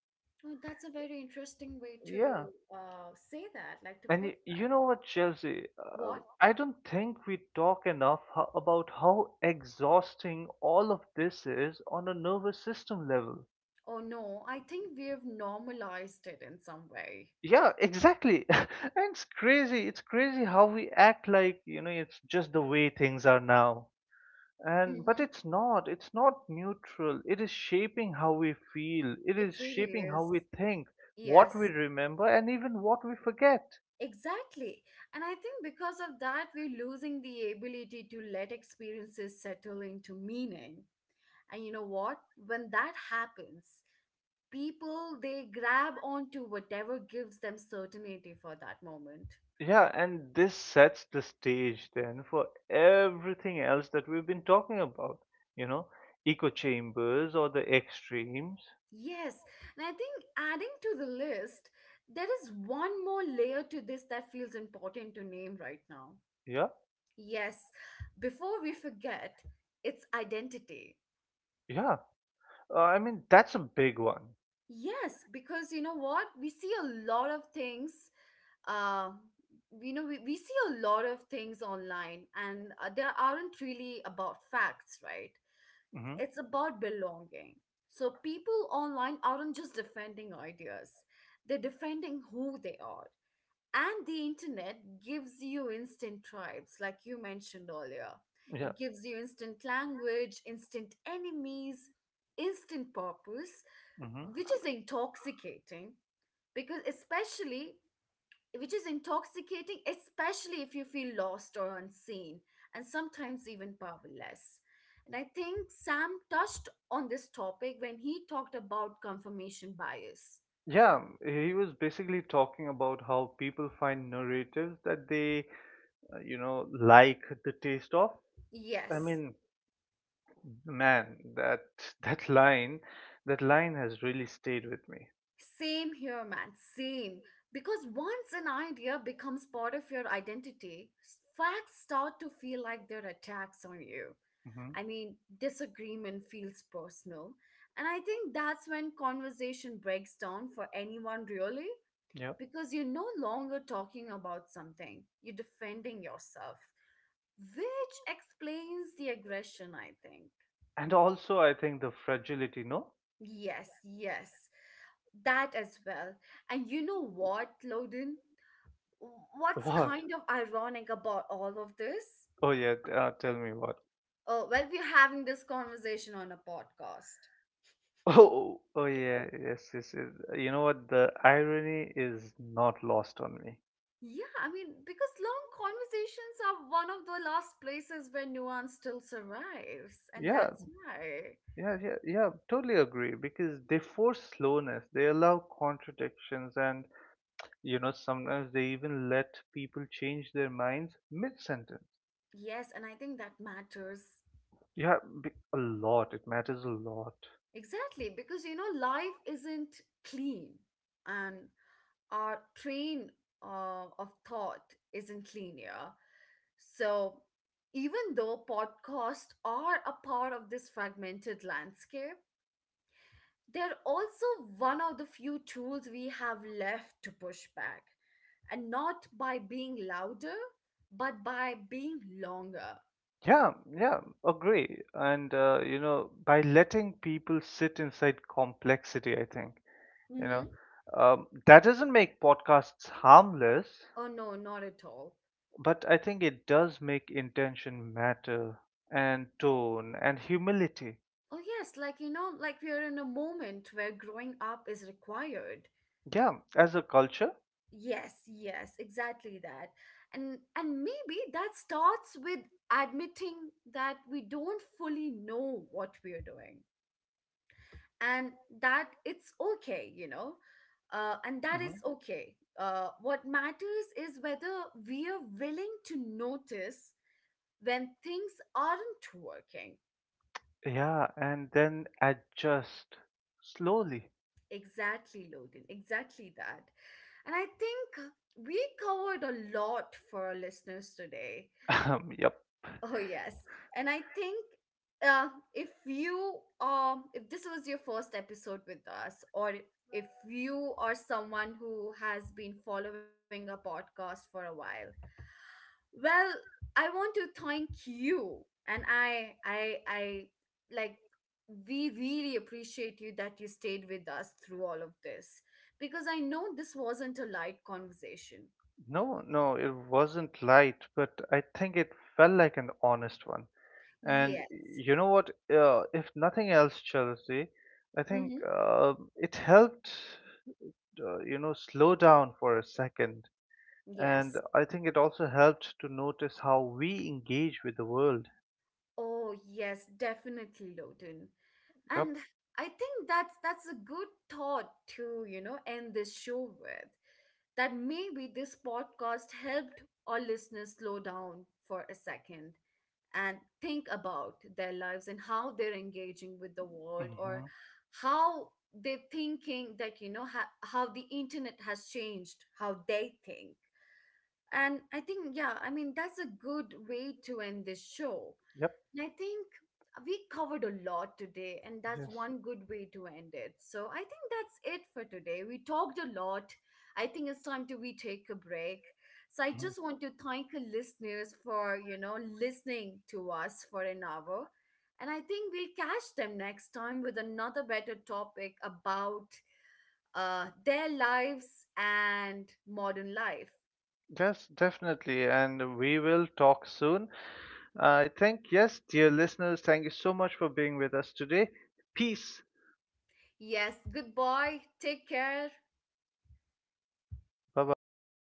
Oh, that's a very interesting way to Yeah. uh, say that, like to And, put y- you know what, Chelsea? what? Um, I don't think we talk enough ho- about how exhausting all of this is on a nervous system level. Oh, no, I think we have normalized it in some way. Yeah, exactly. And it's crazy. It's crazy how we act like, you know, it's just the way things are now. And but Mm-hmm. it's not. It's not neutral. It is shaping how we feel. It is It really shaping how is. we think, what we Yes. remember, and even what we forget. Exactly. And I think because of that, we're losing the ability to let experiences settle into meaning. And you know what? When that happens, people they grab onto whatever gives them certainty for that moment. Yeah, and this sets the stage then for everything else that we've been talking about, you know, echo chambers or the extremes. Yes. And I think adding to the list, there is one more layer to this that feels important to name right now. Yeah, Yes. Before we forget, it's identity. yeah. Uh, I mean, that's a big one. Yes, because you know what? We see a lot of things. Uh, you know, we, we see a lot of things online, and uh, they aren't really about facts, right? Hmm. It's about belonging. So people online aren't just defending ideas, they're defending who they are. And the internet gives you instant tribes, like you mentioned earlier. Yeah. It gives you instant language, instant enemies, instant purpose, Hmm. which is intoxicating because especially which is intoxicating, especially if you feel lost or unseen and sometimes even powerless. And I think Sam touched on this topic when he talked about confirmation bias. Yeah, um, he was basically talking about how people find narratives that they, uh, you know, like the taste of. I Yes. mean, man, that that line, that line has really stayed with me. Same here, man. Same. Because once an idea becomes part of your identity, s- facts start to feel like they're attacks on you. Hmm. I mean, disagreement feels personal. And I think that's when conversation breaks down for anyone, really, Yep. because you're no longer talking about something, you're defending yourself, which explains the aggression, I think. And also, I think the fragility, no? Yes, yes, that as well. And you know what, Loden? What's What? kind of ironic about all of this? Oh yeah, t- uh, tell me what. Oh, well, we're having this conversation on a podcast. Oh, oh yeah, yes, yes, yes. You know what? The irony is not lost on me. Yeah, I mean, because long conversations are one of the last places where nuance still survives, and Yeah. that's why. Yeah, yeah, yeah, totally agree, because they force slowness, they allow contradictions, and, you know, sometimes they even let people change their minds mid sentence. Yes, and I think that matters. Yeah, b- a lot, it matters a lot. Exactly, because you know, life isn't clean. And our train uh, of thought isn't linear. So, even though podcasts are a part of this fragmented landscape, they're also one of the few tools we have left to push back. And not by being louder, but by being longer. Yeah, yeah, agree. And uh, you know, by letting people sit inside complexity, I think, you know, Mm-hmm. um, that doesn't make podcasts harmless, Oh, no, not at all. but I think it does make intention matter, and tone, and humility. Oh, yes, like, you know, like we are in a moment where growing up is required. Yeah, as a culture. Yes, yes, exactly that. And and maybe that starts with admitting that we don't fully know what we're doing, and that it's okay, you know. Uh, and that Mhm. is okay. Uh, what matters is whether we are willing to notice when things aren't working. Yeah, and then adjust slowly. Exactly, Loden. Exactly that. And I think we covered a lot for our listeners today. Um, yep. Oh yes, and I think uh, if you um if this was your first episode with us, or if you are someone who has been following a podcast for a while, well, I want to thank you, and I I I like we really appreciate you, that you stayed with us through all of this, because I know this wasn't a light conversation. No, no, it wasn't light, but I think it felt like an honest one. And Yes. you know what? Uh, if nothing else, Chelsea, I think Mm-hmm. um it helped, uh, you know, slow down for a second. And Yes. I think it also helped to notice how we engage with the world. Oh, yes, definitely, Loden. Yep. And I think that's that's a good thought to, you know, end this show with, that maybe this podcast helped our listeners slow down for a second and think about their lives and how they're engaging with the world, or Hmm. how they're thinking that, you know, ha- how the internet has changed how they think. And I think yeah, I mean, that's a good way to end this show. Yep. And I think we covered a lot today, and that's Yes. one good way to end it. So I think that's it for today. We talked a lot. I think it's time to we take a break. So I Mhm. just want to thank the listeners for, you know, listening to us for an hour. And I think we'll catch them next time with another better topic about uh, their lives and modern life. Yes, definitely. And we will talk soon. I think, yes, dear listeners, thank you so much for being with us today. Peace. Yes, goodbye. Take care. Bye bye.